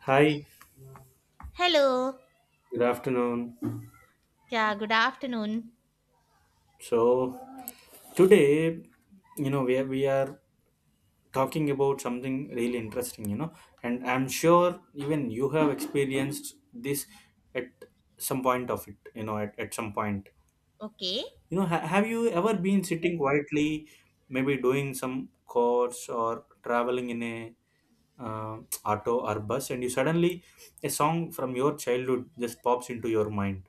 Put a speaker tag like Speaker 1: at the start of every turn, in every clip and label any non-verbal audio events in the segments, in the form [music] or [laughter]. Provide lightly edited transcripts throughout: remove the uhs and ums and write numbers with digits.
Speaker 1: Hi,
Speaker 2: Hello.
Speaker 1: good afternoon.
Speaker 2: Yeah, good afternoon.
Speaker 1: So today, we are talking about something really interesting, and I'm sure even you have experienced this at some point of it, you know, at some point.
Speaker 2: Okay.
Speaker 1: Have you ever been sitting quietly, maybe doing some course or traveling in a uh, auto or bus, and you suddenly a song from your childhood just pops into your mind?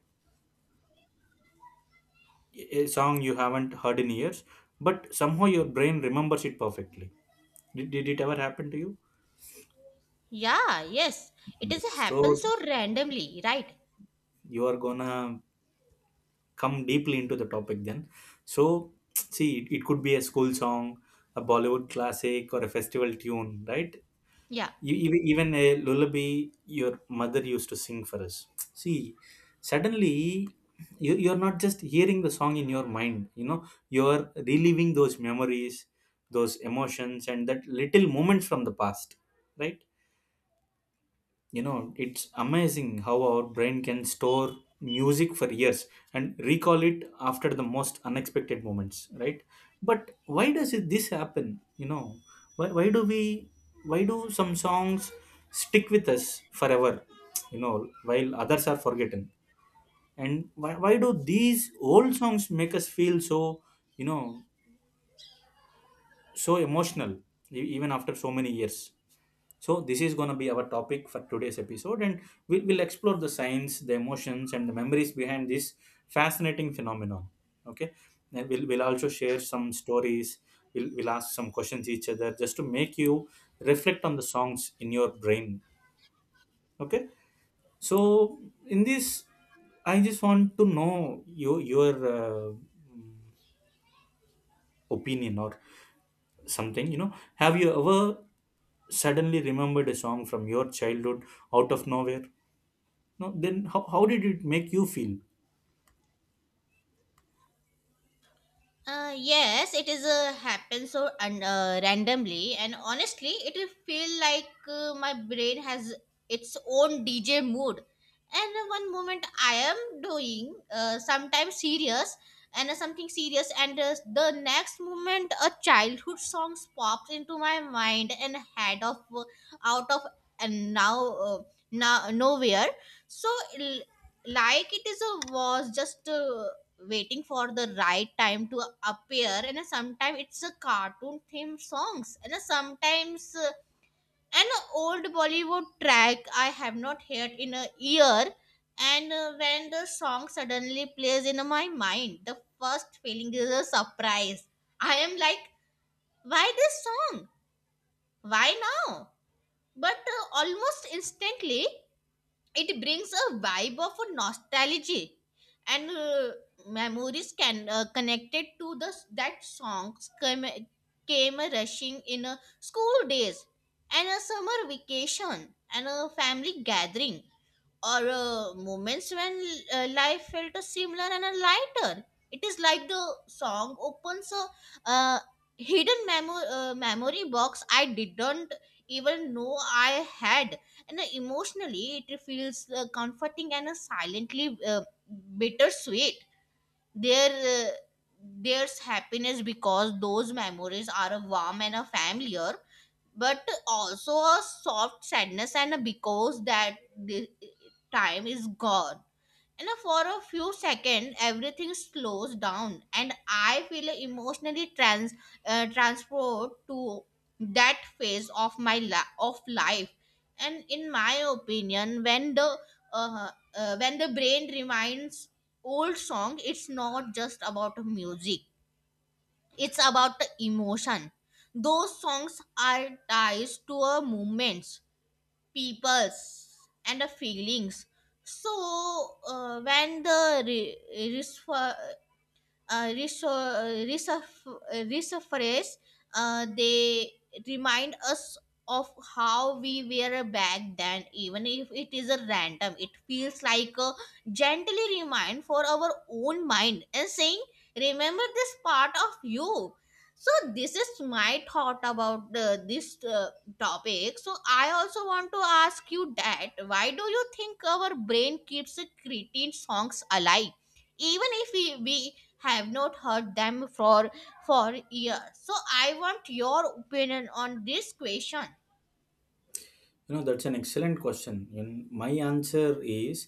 Speaker 1: A song you haven't heard in years, but somehow your brain remembers it perfectly. Did it ever happen to you?
Speaker 2: Yeah, yes. It is
Speaker 1: Yes. So
Speaker 2: happens so randomly, right?
Speaker 1: you are gonna come deeply into the topic then. So [tsk] see, it could be a school song, a Bollywood classic, or a festival tune, right?
Speaker 2: Yeah.
Speaker 1: You, even a lullaby your mother used to sing for us. See, suddenly you're not just hearing the song in your mind, you know, you're reliving those memories, those emotions, and that little moments from the past, right? You know, it's amazing how our brain can store music for years and recall it after the most unexpected moments, right? But why does this happen, you know? Why do we, why do some songs stick with us forever, you know, while others are forgotten? And why do these old songs make us feel so, you know so emotional, even after so many years? So, this is going to be our topic for today's episode, and we will explore the science, the emotions, and the memories behind this fascinating phenomenon. Okay, and we'll also share some stories, we'll ask some questions each other just to make you reflect on the songs in your brain. Okay, so in this, I just want to know your opinion or something, you know, have you ever suddenly remembered a song from your childhood out of nowhere? No, then how did it make you feel?
Speaker 2: Yes, it is happens so and randomly, and honestly, it will feel like my brain has its own DJ mood. And one moment I am doing sometimes serious and something serious, and the next moment a childhood song pops into my mind and head of out of and now nowhere. So l- like it is a was just. Waiting for the right time to appear. And sometimes it's a cartoon themed songs, and sometimes an old Bollywood track I have not heard in a year. And when the song suddenly plays in my mind, the first feeling is a surprise. I am like, why this song, why now? But almost instantly it brings a vibe of a nostalgia. And memories can connected to the that songs came rushing in a school days, and a summer vacation, and a family gathering, or moments when life felt a similar and a lighter. It is like the song opens a uh, hidden memory box I didn't even know I had, and emotionally it feels comforting and silently bittersweet. There, uh, there's happiness because those memories are warm and familiar, but also a soft sadness and because that the time is gone, and for a few seconds everything slows down and I feel emotionally transport to that phase of of life. And in my opinion, uh, when the brain reminds old song, it's not just about music, it's about the emotion. Those songs are ties to a movements, peoples, and the feelings. So when the uh, reso- uh, resurface, they remind us of how we were back then, even if it is a random. It feels like a gently remind for our own mind and saying, "Remember this part of you." So, this is my thought about this topic. So, I also want to ask you that why do you think our brain keeps creating songs alive, even if we have not heard them for years? So I want your opinion on this question.
Speaker 1: You know, that's an excellent question. And my answer is,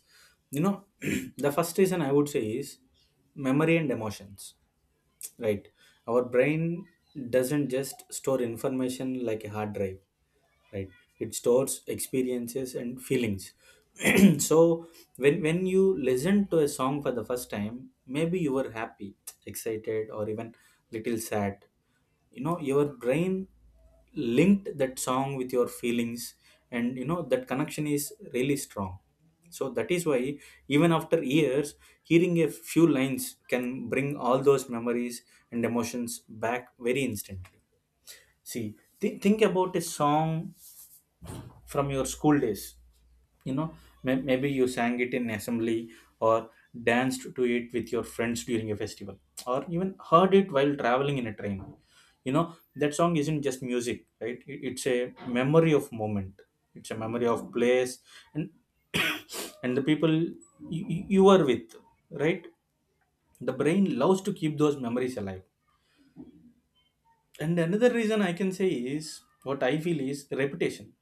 Speaker 1: you know, [clears throat] the first reason I would say is memory and emotions, right? Our brain doesn't just store information like a hard drive, right? It stores experiences and feelings. [clears throat] So when you listen to a song for the first time, maybe you were happy, excited, or even little sad. You know, your brain linked that song with your feelings, and you know, that connection is really strong. So that is why even after years, hearing a few lines can bring all those memories and emotions back very instantly. See, think about a song from your school days. You know, maybe you sang it in assembly, or danced to it with your friends during a festival, or even heard it while traveling in a train. You know, that song isn't just music, right? It's a memory of moment, it's a memory of place, and [coughs] [clears throat] and the people you, you are with, right? The brain loves to keep those memories alive. And another reason I can say is, what I feel is repetition.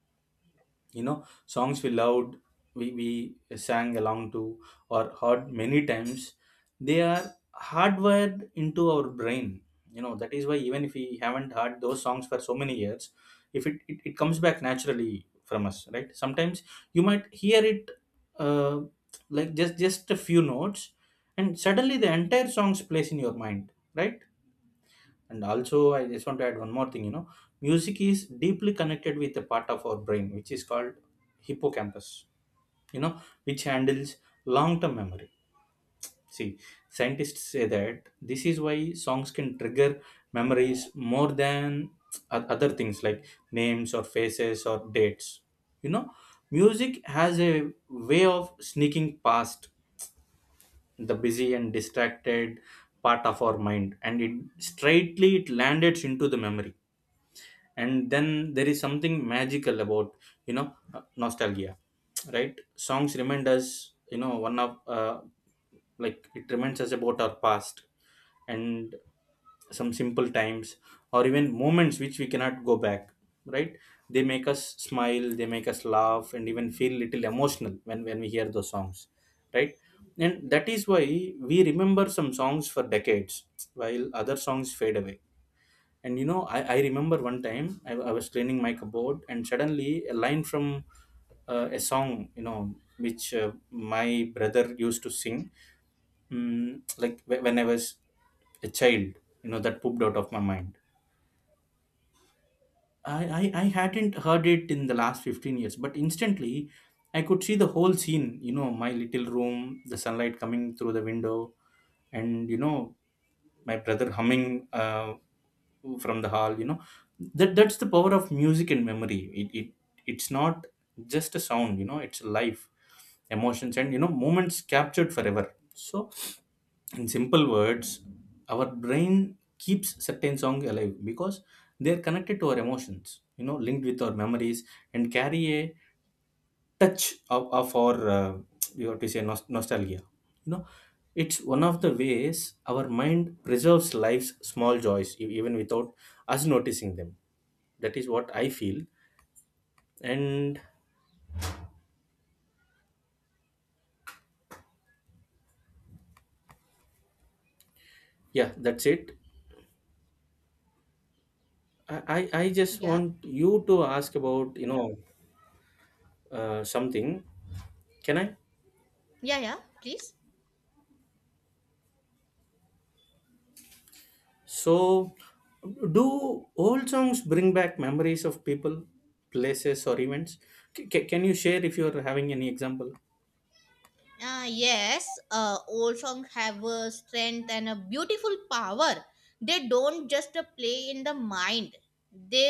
Speaker 1: You know, songs we loved, we sang along to or heard many times, they are hardwired into our brain. You know, that is why even if we haven't heard those songs for so many years, if it comes back naturally from us, right? Sometimes you might hear it, uh, like just a few notes, and suddenly the entire songs plays in your mind, right? And also, I just want to add one more thing. You know, music is deeply connected with a part of our brain which is called hippocampus. You know, which handles long-term memory. See, scientists say that this is why songs can trigger memories more than other things like names or faces or dates. You know, music has a way of sneaking past the busy and distracted part of our mind, and it straightly it landed into the memory. And then there is something magical about, you know, nostalgia, right? Songs remind us, you know, one of like it reminds us about our past and some simple times or even moments which we cannot go back, right? They make us smile, they make us laugh, and even feel little emotional when we hear those songs, right? And that is why we remember some songs for decades while other songs fade away. And you know, I remember one time I was cleaning my cupboard, and suddenly a line from a song, you know, which my brother used to sing, mm, like when I was a child, you know, that pooped out of my mind. I hadn't heard it in the last 15 years, but instantly I could see the whole scene, you know, my little room, the sunlight coming through the window, and, you know, my brother humming from the hall, you know. That's the power of music and memory. It, it's not just a sound, you know, it's life, emotions, and you know, moments captured forever. So in simple words, our brain keeps certain songs alive because they're connected to our emotions, you know, linked with our memories and carry a touch of our you have to say nostalgia, you know. It's one of the ways our mind preserves life's small joys, even without us noticing them. That is what I feel. And yeah, that's it. I just
Speaker 2: Yeah,
Speaker 1: want you to ask about, you know, something, can I?
Speaker 2: yeah, yeah, please.
Speaker 1: So, do old songs bring back memories of people, places, or events? Can you share if you are having any example?
Speaker 2: Yes, old songs have a strength and a beautiful power. They don't just play in the mind, they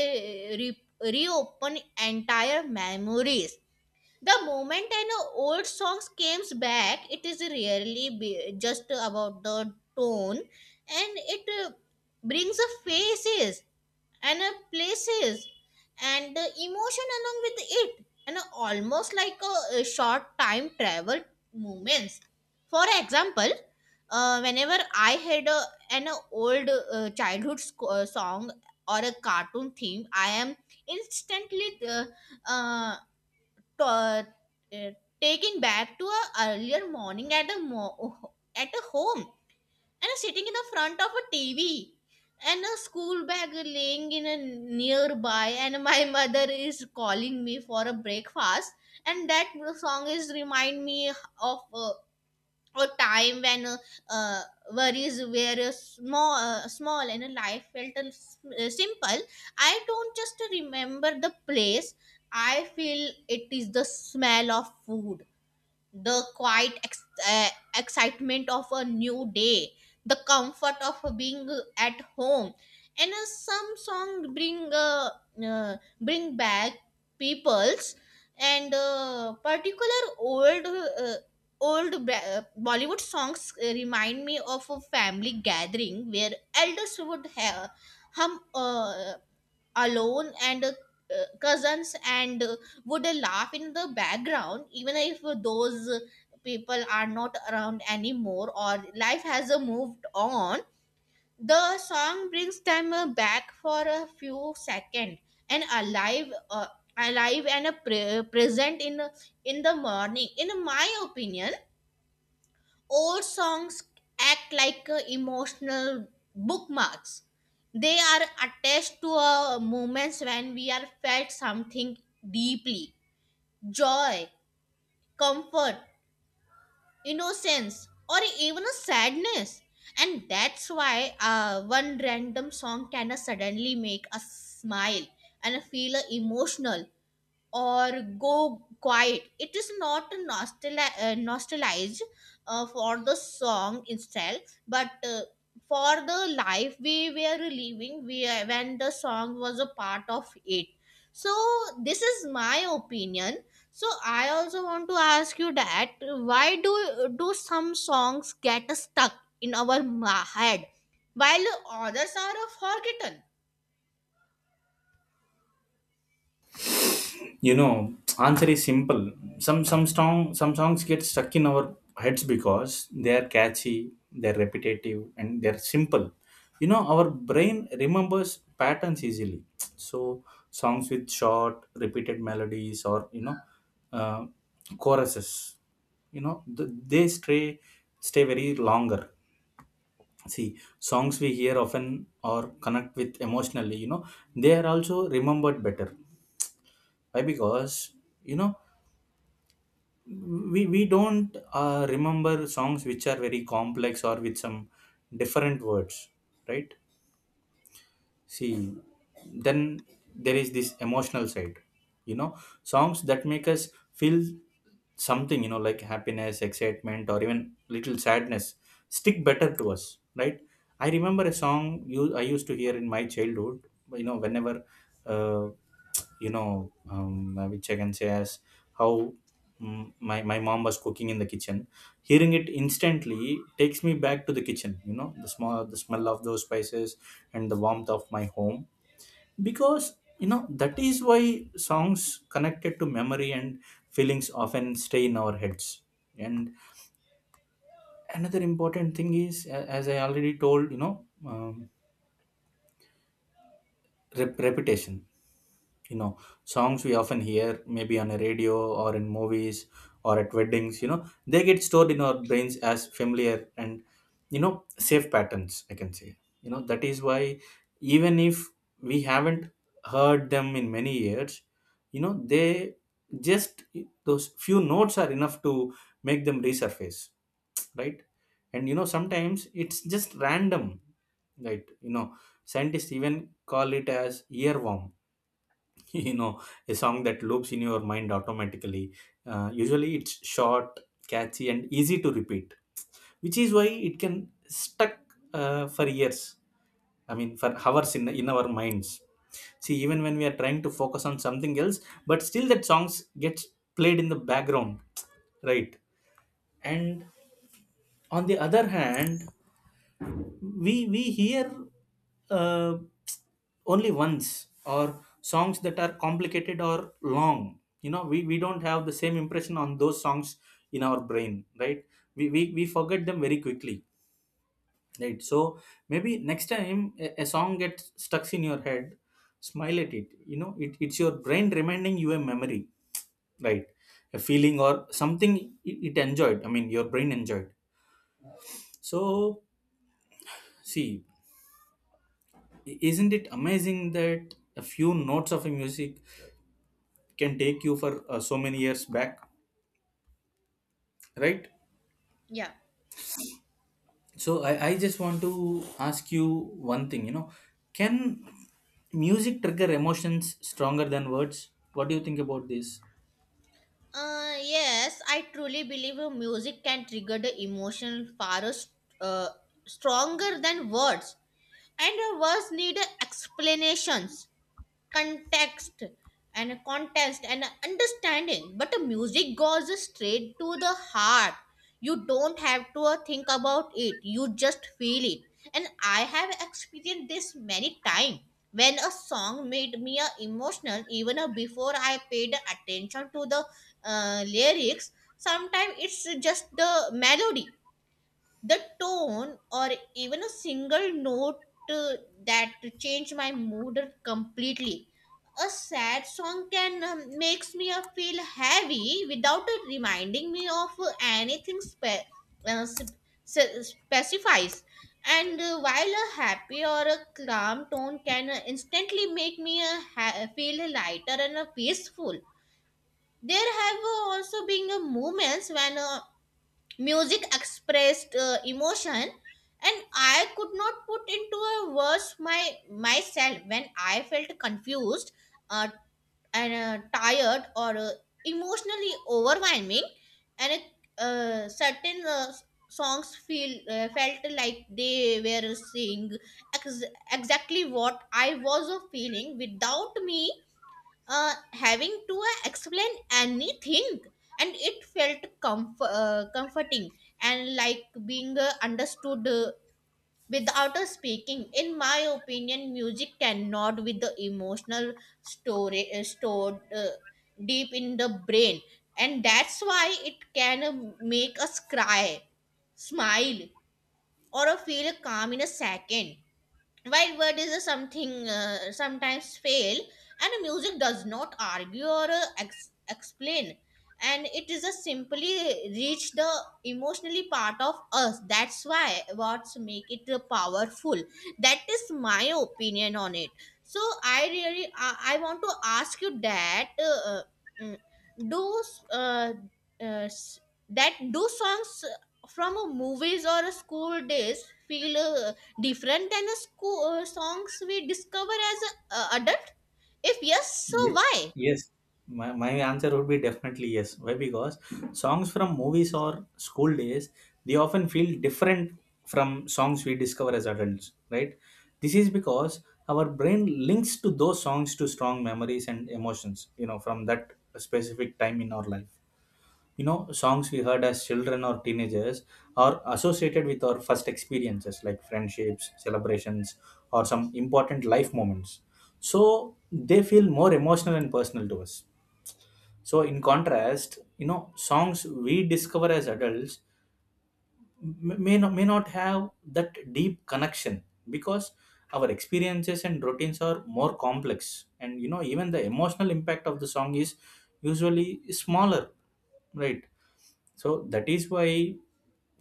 Speaker 2: reopen entire memories. The moment an old song comes back, it is really be, just about the tone, and it brings a faces and places and the emotion along with it, and almost like a short time travel moments. For example, whenever I had an old childhood song or a cartoon theme, I am instantly uh, uh, uh, taken back to a earlier morning at at a home, and sitting in the front of a TV and a school bag laying in a nearby, and my [laughs] mother is calling me for a breakfast. And that song is remind me of a time when uh, worries were small and life felt simple. I don't just remember the place. I feel it is the smell of food, the quiet excitement of a new day, the comfort of being at home, and some song bring bring back peoples and particular old Bollywood songs remind me of a family gathering where elders would have hum alone, and cousins and would laugh in the background, even if those people are not around anymore or life has moved on. The song brings them back for a few seconds, and alive and present in the morning. In my opinion, old songs act like emotional bookmarks. They are attached to moments when we are felt something deeply: joy, comfort, innocence, or even a sadness. And that's why one random song can suddenly make us smile and feel emotional or go quiet. It is not nostalgized for the song itself, but for the life we were living when the song was a part of it. So, this is my opinion. So, I also want to ask you that why do some songs get stuck in our head while others are forgotten?
Speaker 1: You know, answer is simple. Some strong some songs get stuck in our heads because they are catchy, they're repetitive, and they're simple. You know, our brain remembers patterns easily. So songs with short, repeated melodies, or you know, uh, choruses. You know, they stay very longer. See, songs we hear often or connect with emotionally. You know, they are also remembered better. Why? Because you know, we don't remember songs which are very complex or with some different words, right? See, then there is this emotional side, you know, songs that make us feel something, you know, like happiness, excitement, or even little sadness stick better to us, right? I remember a song you I used to hear in my childhood, you know, whenever, uh, you know, which I can say as how, mm, my mom was cooking in the kitchen. Hearing it instantly takes me back to the kitchen, you know, the smell of those spices and the warmth of my home. Because, you know, that is why songs connected to memory and feelings often stay in our heads. And another important thing is, as I already told, you know, reputation, you know, songs we often hear maybe on a radio or in movies or at weddings, you know, they get stored in our brains as familiar and, you know, safe patterns I can say. You know, that is why even if we haven't heard them in many years, you know, they just those few notes are enough to make them resurface, right? And you know, sometimes it's just random, right? You know, scientists even call it as earworm [laughs] you know, a song that loops in your mind automatically. Usually it's short, catchy and easy to repeat, which is why it can stuck for years, I mean for hours in our minds. See, even when we are trying to focus on something else, but still that songs gets played in the background, right? And on the other hand, we hear uh, only once or songs that are complicated or long, you know, we don't have the same impression on those songs in our brain, right? We forget them very quickly, right? So maybe next time a song gets stuck in your head, smile at it, you know, it's your brain reminding you a memory, right? A feeling or something it enjoyed, I mean your brain enjoyed. So see, isn't it amazing that a few notes of a music can take you for so many years back, right?
Speaker 2: Yeah.
Speaker 1: So I just want to ask you one thing, you know, can music trigger emotions stronger than words? What do you think about this?
Speaker 2: Yes, I truly believe music can trigger the emotion far uh, stronger than words, and words need explanations, context, and a context, and a understanding, but the music goes straight to the heart. You don't have to think about it, you just feel it. And I have experienced this many times when a song made me emotional, even before I paid attention to the lyrics. Sometimes it's just the melody, the tone, or even a single note uh, that change my mood completely. A sad song can makes me feel heavy without reminding me of anything uh, sp- specifies. And while a happy or a calm tone can instantly make me feel lighter and peaceful. There have also been moments when music expressed emotion, and I could not put into a words my myself when I felt confused, uh, and tired or emotionally overwhelming. And certain songs feel felt like they were saying ex- exactly what I was feeling without me having to explain anything. And it felt comforting, and like being understood without a speaking. In my opinion, music cannot with the emotional story stored deep in the brain. And that's why it can make us cry, smile, or feel calm in a second, while word is a something sometimes fail. And music does not argue or explain, and it is a simply reach the emotionally part of us, that's why what's make it powerful. That is my opinion on it. So I really I want to ask you that mm, do uh, uh, s- do songs from movies or school days feel different than the school songs we discover as a adult. If yes, so
Speaker 1: Ye-
Speaker 2: why?
Speaker 1: Yes, my answer would be definitely yes. Why? Because songs from movies or school days, they often feel different from songs we discover as adults, right? This is because our brain links to those songs to strong memories and emotions, you know, from that specific time in our life. You know, songs we heard as children or teenagers are associated with our first experiences like friendships, celebrations, or some important life moments, so they feel more emotional and personal to us. So in contrast, you know, songs we discover as adults may not have that deep connection, because our experiences and routines are more complex, and, you know, even the emotional impact of the song is usually smaller, right? So that is why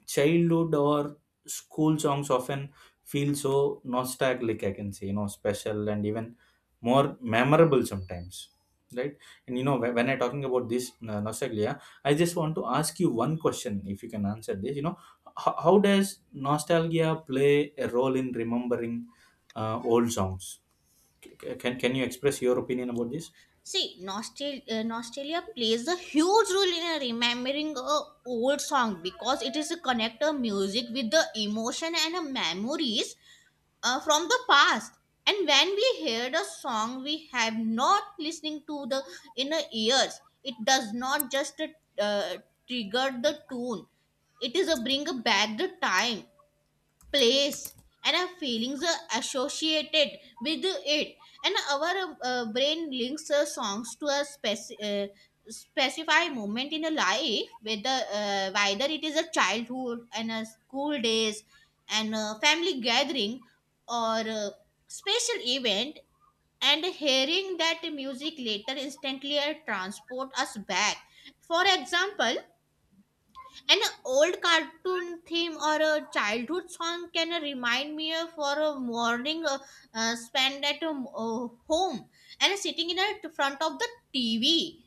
Speaker 1: childhood or school songs often feel so nostalgic, I can say, you know, special and even more memorable sometimes. Right. And, you know, when I talking about this nostalgia, I just want to ask you one question if you can answer this. You know, how does nostalgia play a role in remembering old songs? Can you express your opinion about this?
Speaker 2: See, nostalgia plays a huge role in remembering a old song, because it is a connector music with the emotion and memories from the past. And when we hear the song we have not listening to the inner ears, it does not just uh, trigger the tune, it is a bring back the time, place, and our feelings are associated with it. And our brain links songs to a specified moment in a life, whether it is a childhood and a school days and a family gathering or a special event. And hearing that music later instantly transport us back. For example, and an old cartoon theme or a childhood song can remind me of for a morning spent at home, and sitting in a front of the TV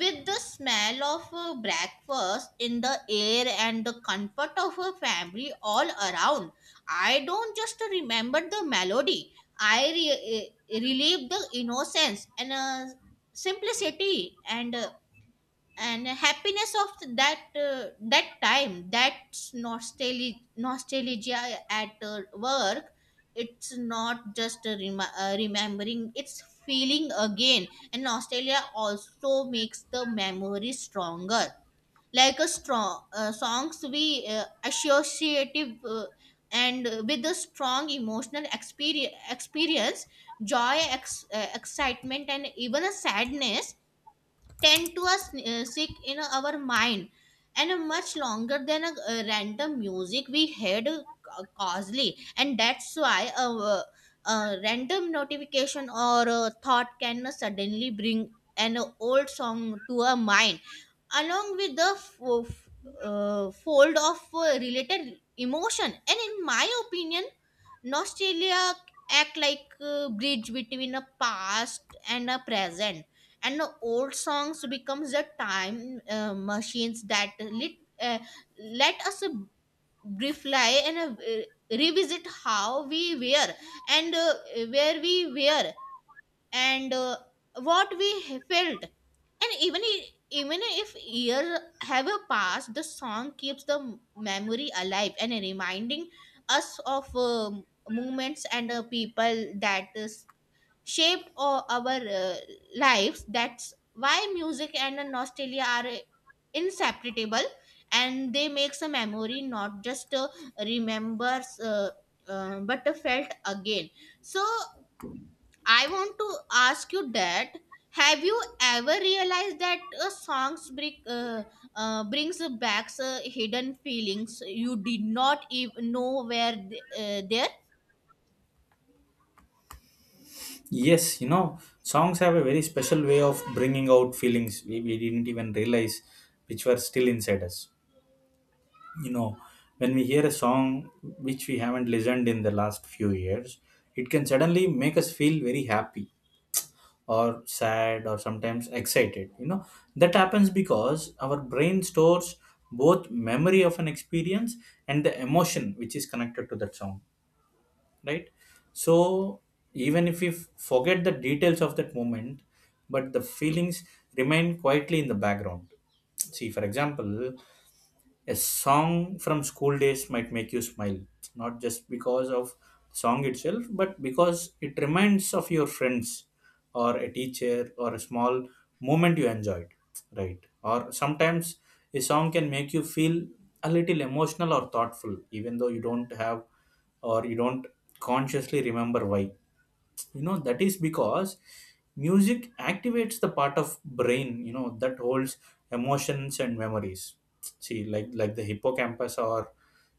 Speaker 2: with the smell of breakfast in the air and the comfort of a family all around. I don't just remember the melody. I relive the innocence and simplicity and happiness of that time. That's nostalgia at work. It's not just a remembering, it's feeling again. And nostalgia also makes the memory stronger, like a strong songs we associative and with a strong emotional experience, joy, excitement, and even a sadness, tend to us sick in our mind and much longer than a random music we heard causally. And that's why random notification or a thought can suddenly bring an old song to our mind, along with the fold of related emotion. And in my opinion, nostalgia act like a bridge between a past and a present, and the old songs becomes the time machines that uh, let us briefly and revisit how we were and where we were and what we felt. And even if years have passed, the song keeps the memory alive and reminding us of moments and people that is shaped our lives. That's why music and nostalgia are inseparable, and they makes a memory not just remembers, but felt again. So I want to ask you that, have you ever realized that songs brings back hidden feelings you did not even know were there?
Speaker 1: Yes, you know, songs have a very special way of bringing out feelings we didn't even realize which were still inside us. You know, when we hear a song which we haven't listened in the last few years, it can suddenly make us feel very happy or sad or sometimes excited. You know, that happens because our brain stores both memory of an experience and the emotion which is connected to that song, right? So even if we forget the details of that moment, but the feelings remain quietly in the background. See, for example, a song from school days might make you smile, not just because of the song itself, but because it reminds of your friends or a teacher or a small moment you enjoyed, right? Or sometimes a song can make you feel a little emotional or thoughtful, even though you don't have, or you don't consciously remember why. You know, that is because music activates the part of brain, you know, that holds emotions and memories. See, like the hippocampus, or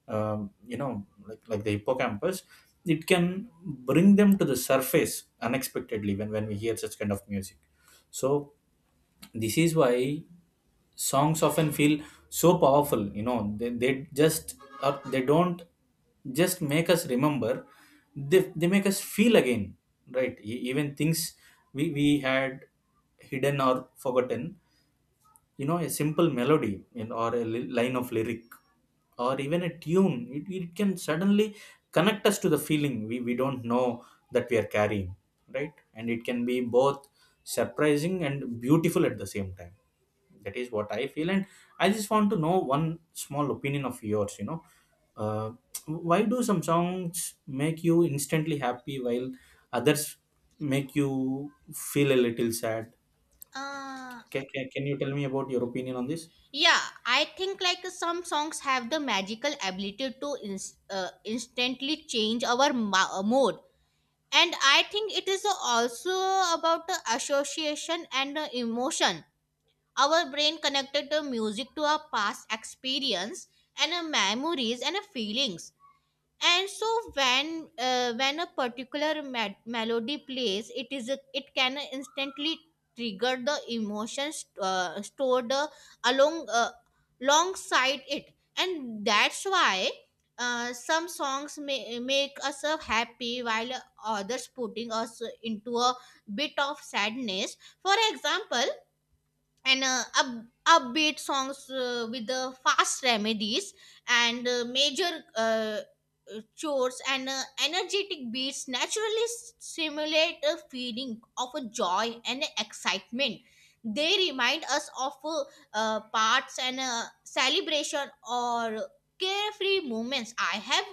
Speaker 1: you know, like the hippocampus, it can bring them to the surface unexpectedly when we hear such kind of music. So this is why songs often feel so powerful. You know, they just, or they don't just make us remember, they make us feel again, right? Even things we had hidden or forgotten, you know, a simple melody, you know, or a line of lyric or even a tune, it can suddenly connect us to the feeling we don't know that we are carrying, right? And it can be both surprising and beautiful at the same time. That is what I feel. And I just want to know one small opinion of yours, you know, uh, why do some songs make you instantly happy while others make you feel a little sad?
Speaker 2: Uh,
Speaker 1: Can you tell me about your opinion on this?
Speaker 2: yeah, I think like some songs have the magical ability to instantly change our mood. And I think it is also about the association and the emotion. Our brain connected the music to our past experience and our memories and our feelings. And so when a particular melody plays, it can instantly trigger the emotions stored along uh, alongside it, and that's why some songs may make us happy while others putting us into a bit of sadness. For example, and upbeat songs with the fast remedies and major chores and energetic beats naturally simulate a feeling of a joy and excitement. They remind us of parts and celebration or carefree moments. I have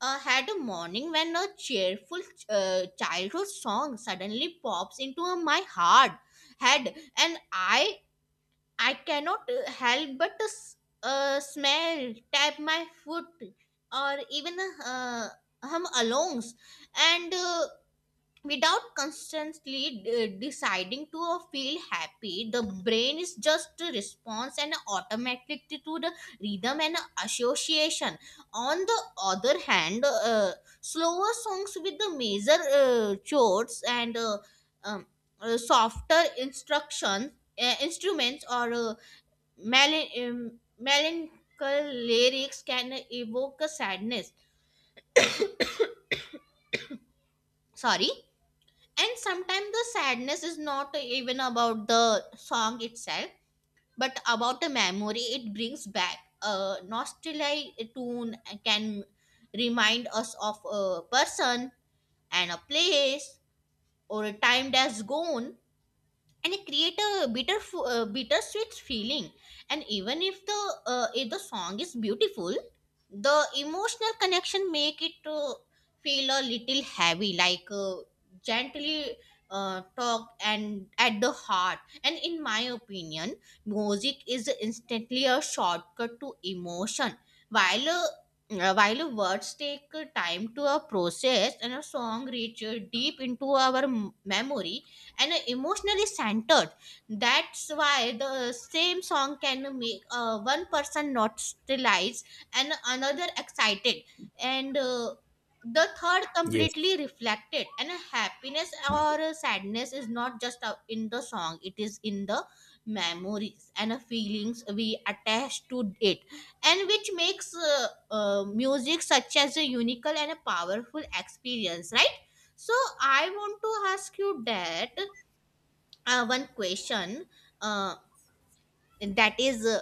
Speaker 2: had a morning when a cheerful childhood song suddenly pops into my heart head, and I cannot help but to smell, tap my foot, or even uh, hum alongs, and without constantly deciding to feel happy, the brain is just a response and automatically to the rhythm and association. On the other hand, slower songs with the major chords and um, softer instruction instruments or Melan- um, melancholy lyrics can evoke a sadness. Sorry. And sometimes the sadness is not even about the song itself, but about a memory it brings back. A nostalgic tune can remind us of a person and a place or a time that's gone, and it create a bittersweet feeling. And even if the song is beautiful, the emotional connection make it feel a little heavy like gently talk and at the heart. And in my opinion, music is instantly a shortcut to emotion, while uh, while words take time to process, and a song reaches deep into our memory and emotionally centered. That's why the same song can make one person nostalgic and another excited and the third
Speaker 1: Yes.
Speaker 2: completely reflected, and happiness or sadness is not just in the song, it is in the memories and feelings we attach to it, and which makes music such as a unique and a powerful experience, right? So I want to ask you that one question, uh, that is,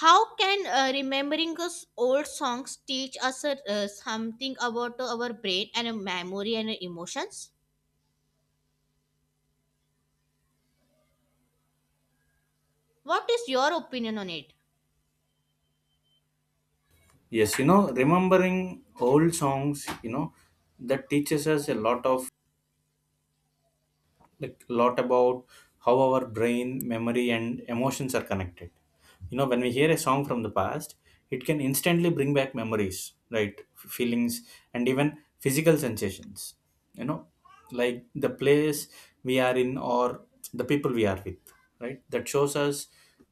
Speaker 2: how can remembering us old songs teach us something about our brain and memory and emotions? What is your opinion on it?
Speaker 1: Yes, you know, remembering old songs, you know, that teaches us a lot of, like a lot about how our brain, memory, and emotions are connected. You know, when we hear a song from the past, it can instantly bring back memories, right? Feelings and even physical sensations, you know, like the place we are in, or the people we are with, right? That shows us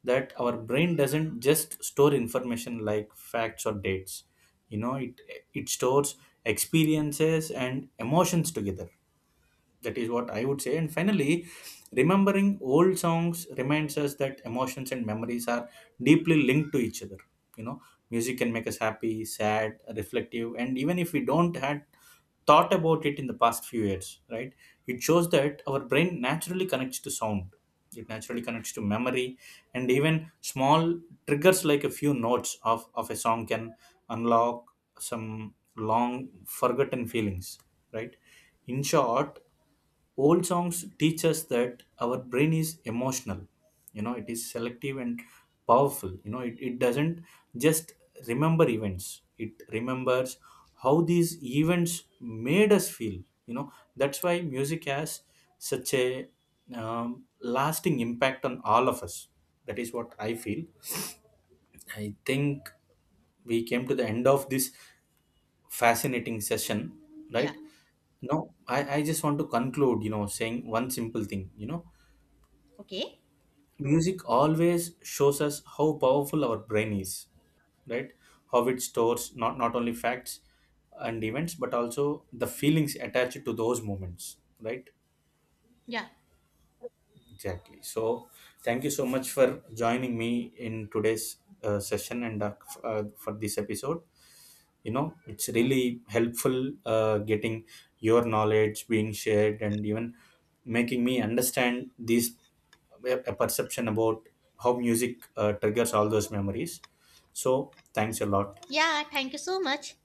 Speaker 1: that our brain doesn't just store information like facts or dates. You know, it stores experiences and emotions together. That is what I would say. And finally, remembering old songs reminds us that emotions and memories are deeply linked to each other. You know, music can make us happy, sad, reflective, and even if we don't had thought about it in the past few years, right? It shows that our brain naturally connects to sound. It naturally connects to memory, and even small triggers like a few notes of a song can unlock some long forgotten feelings, right? In short, old songs teach us that our brain is emotional, you know, it is selective and powerful. You know, it doesn't just remember events, it remembers how these events made us feel. You know, that's why music has such a lasting impact on all of us. That is what I feel. I think we came to the end of this fascinating session,
Speaker 2: Yeah.
Speaker 1: right? Now I just want to conclude, you know, saying one simple thing, you know,
Speaker 2: Okay.
Speaker 1: music always shows us how powerful our brain is, right? How it stores not only facts and events, but also the feelings attached to those moments, right?
Speaker 2: Yeah,
Speaker 1: Exactly. So thank you so much for joining me in today's session and for this episode. You know, it's really helpful getting your knowledge being shared and even making me understand these a perception about how music triggers all those memories. So thanks a lot.
Speaker 2: yeah, thank you so much.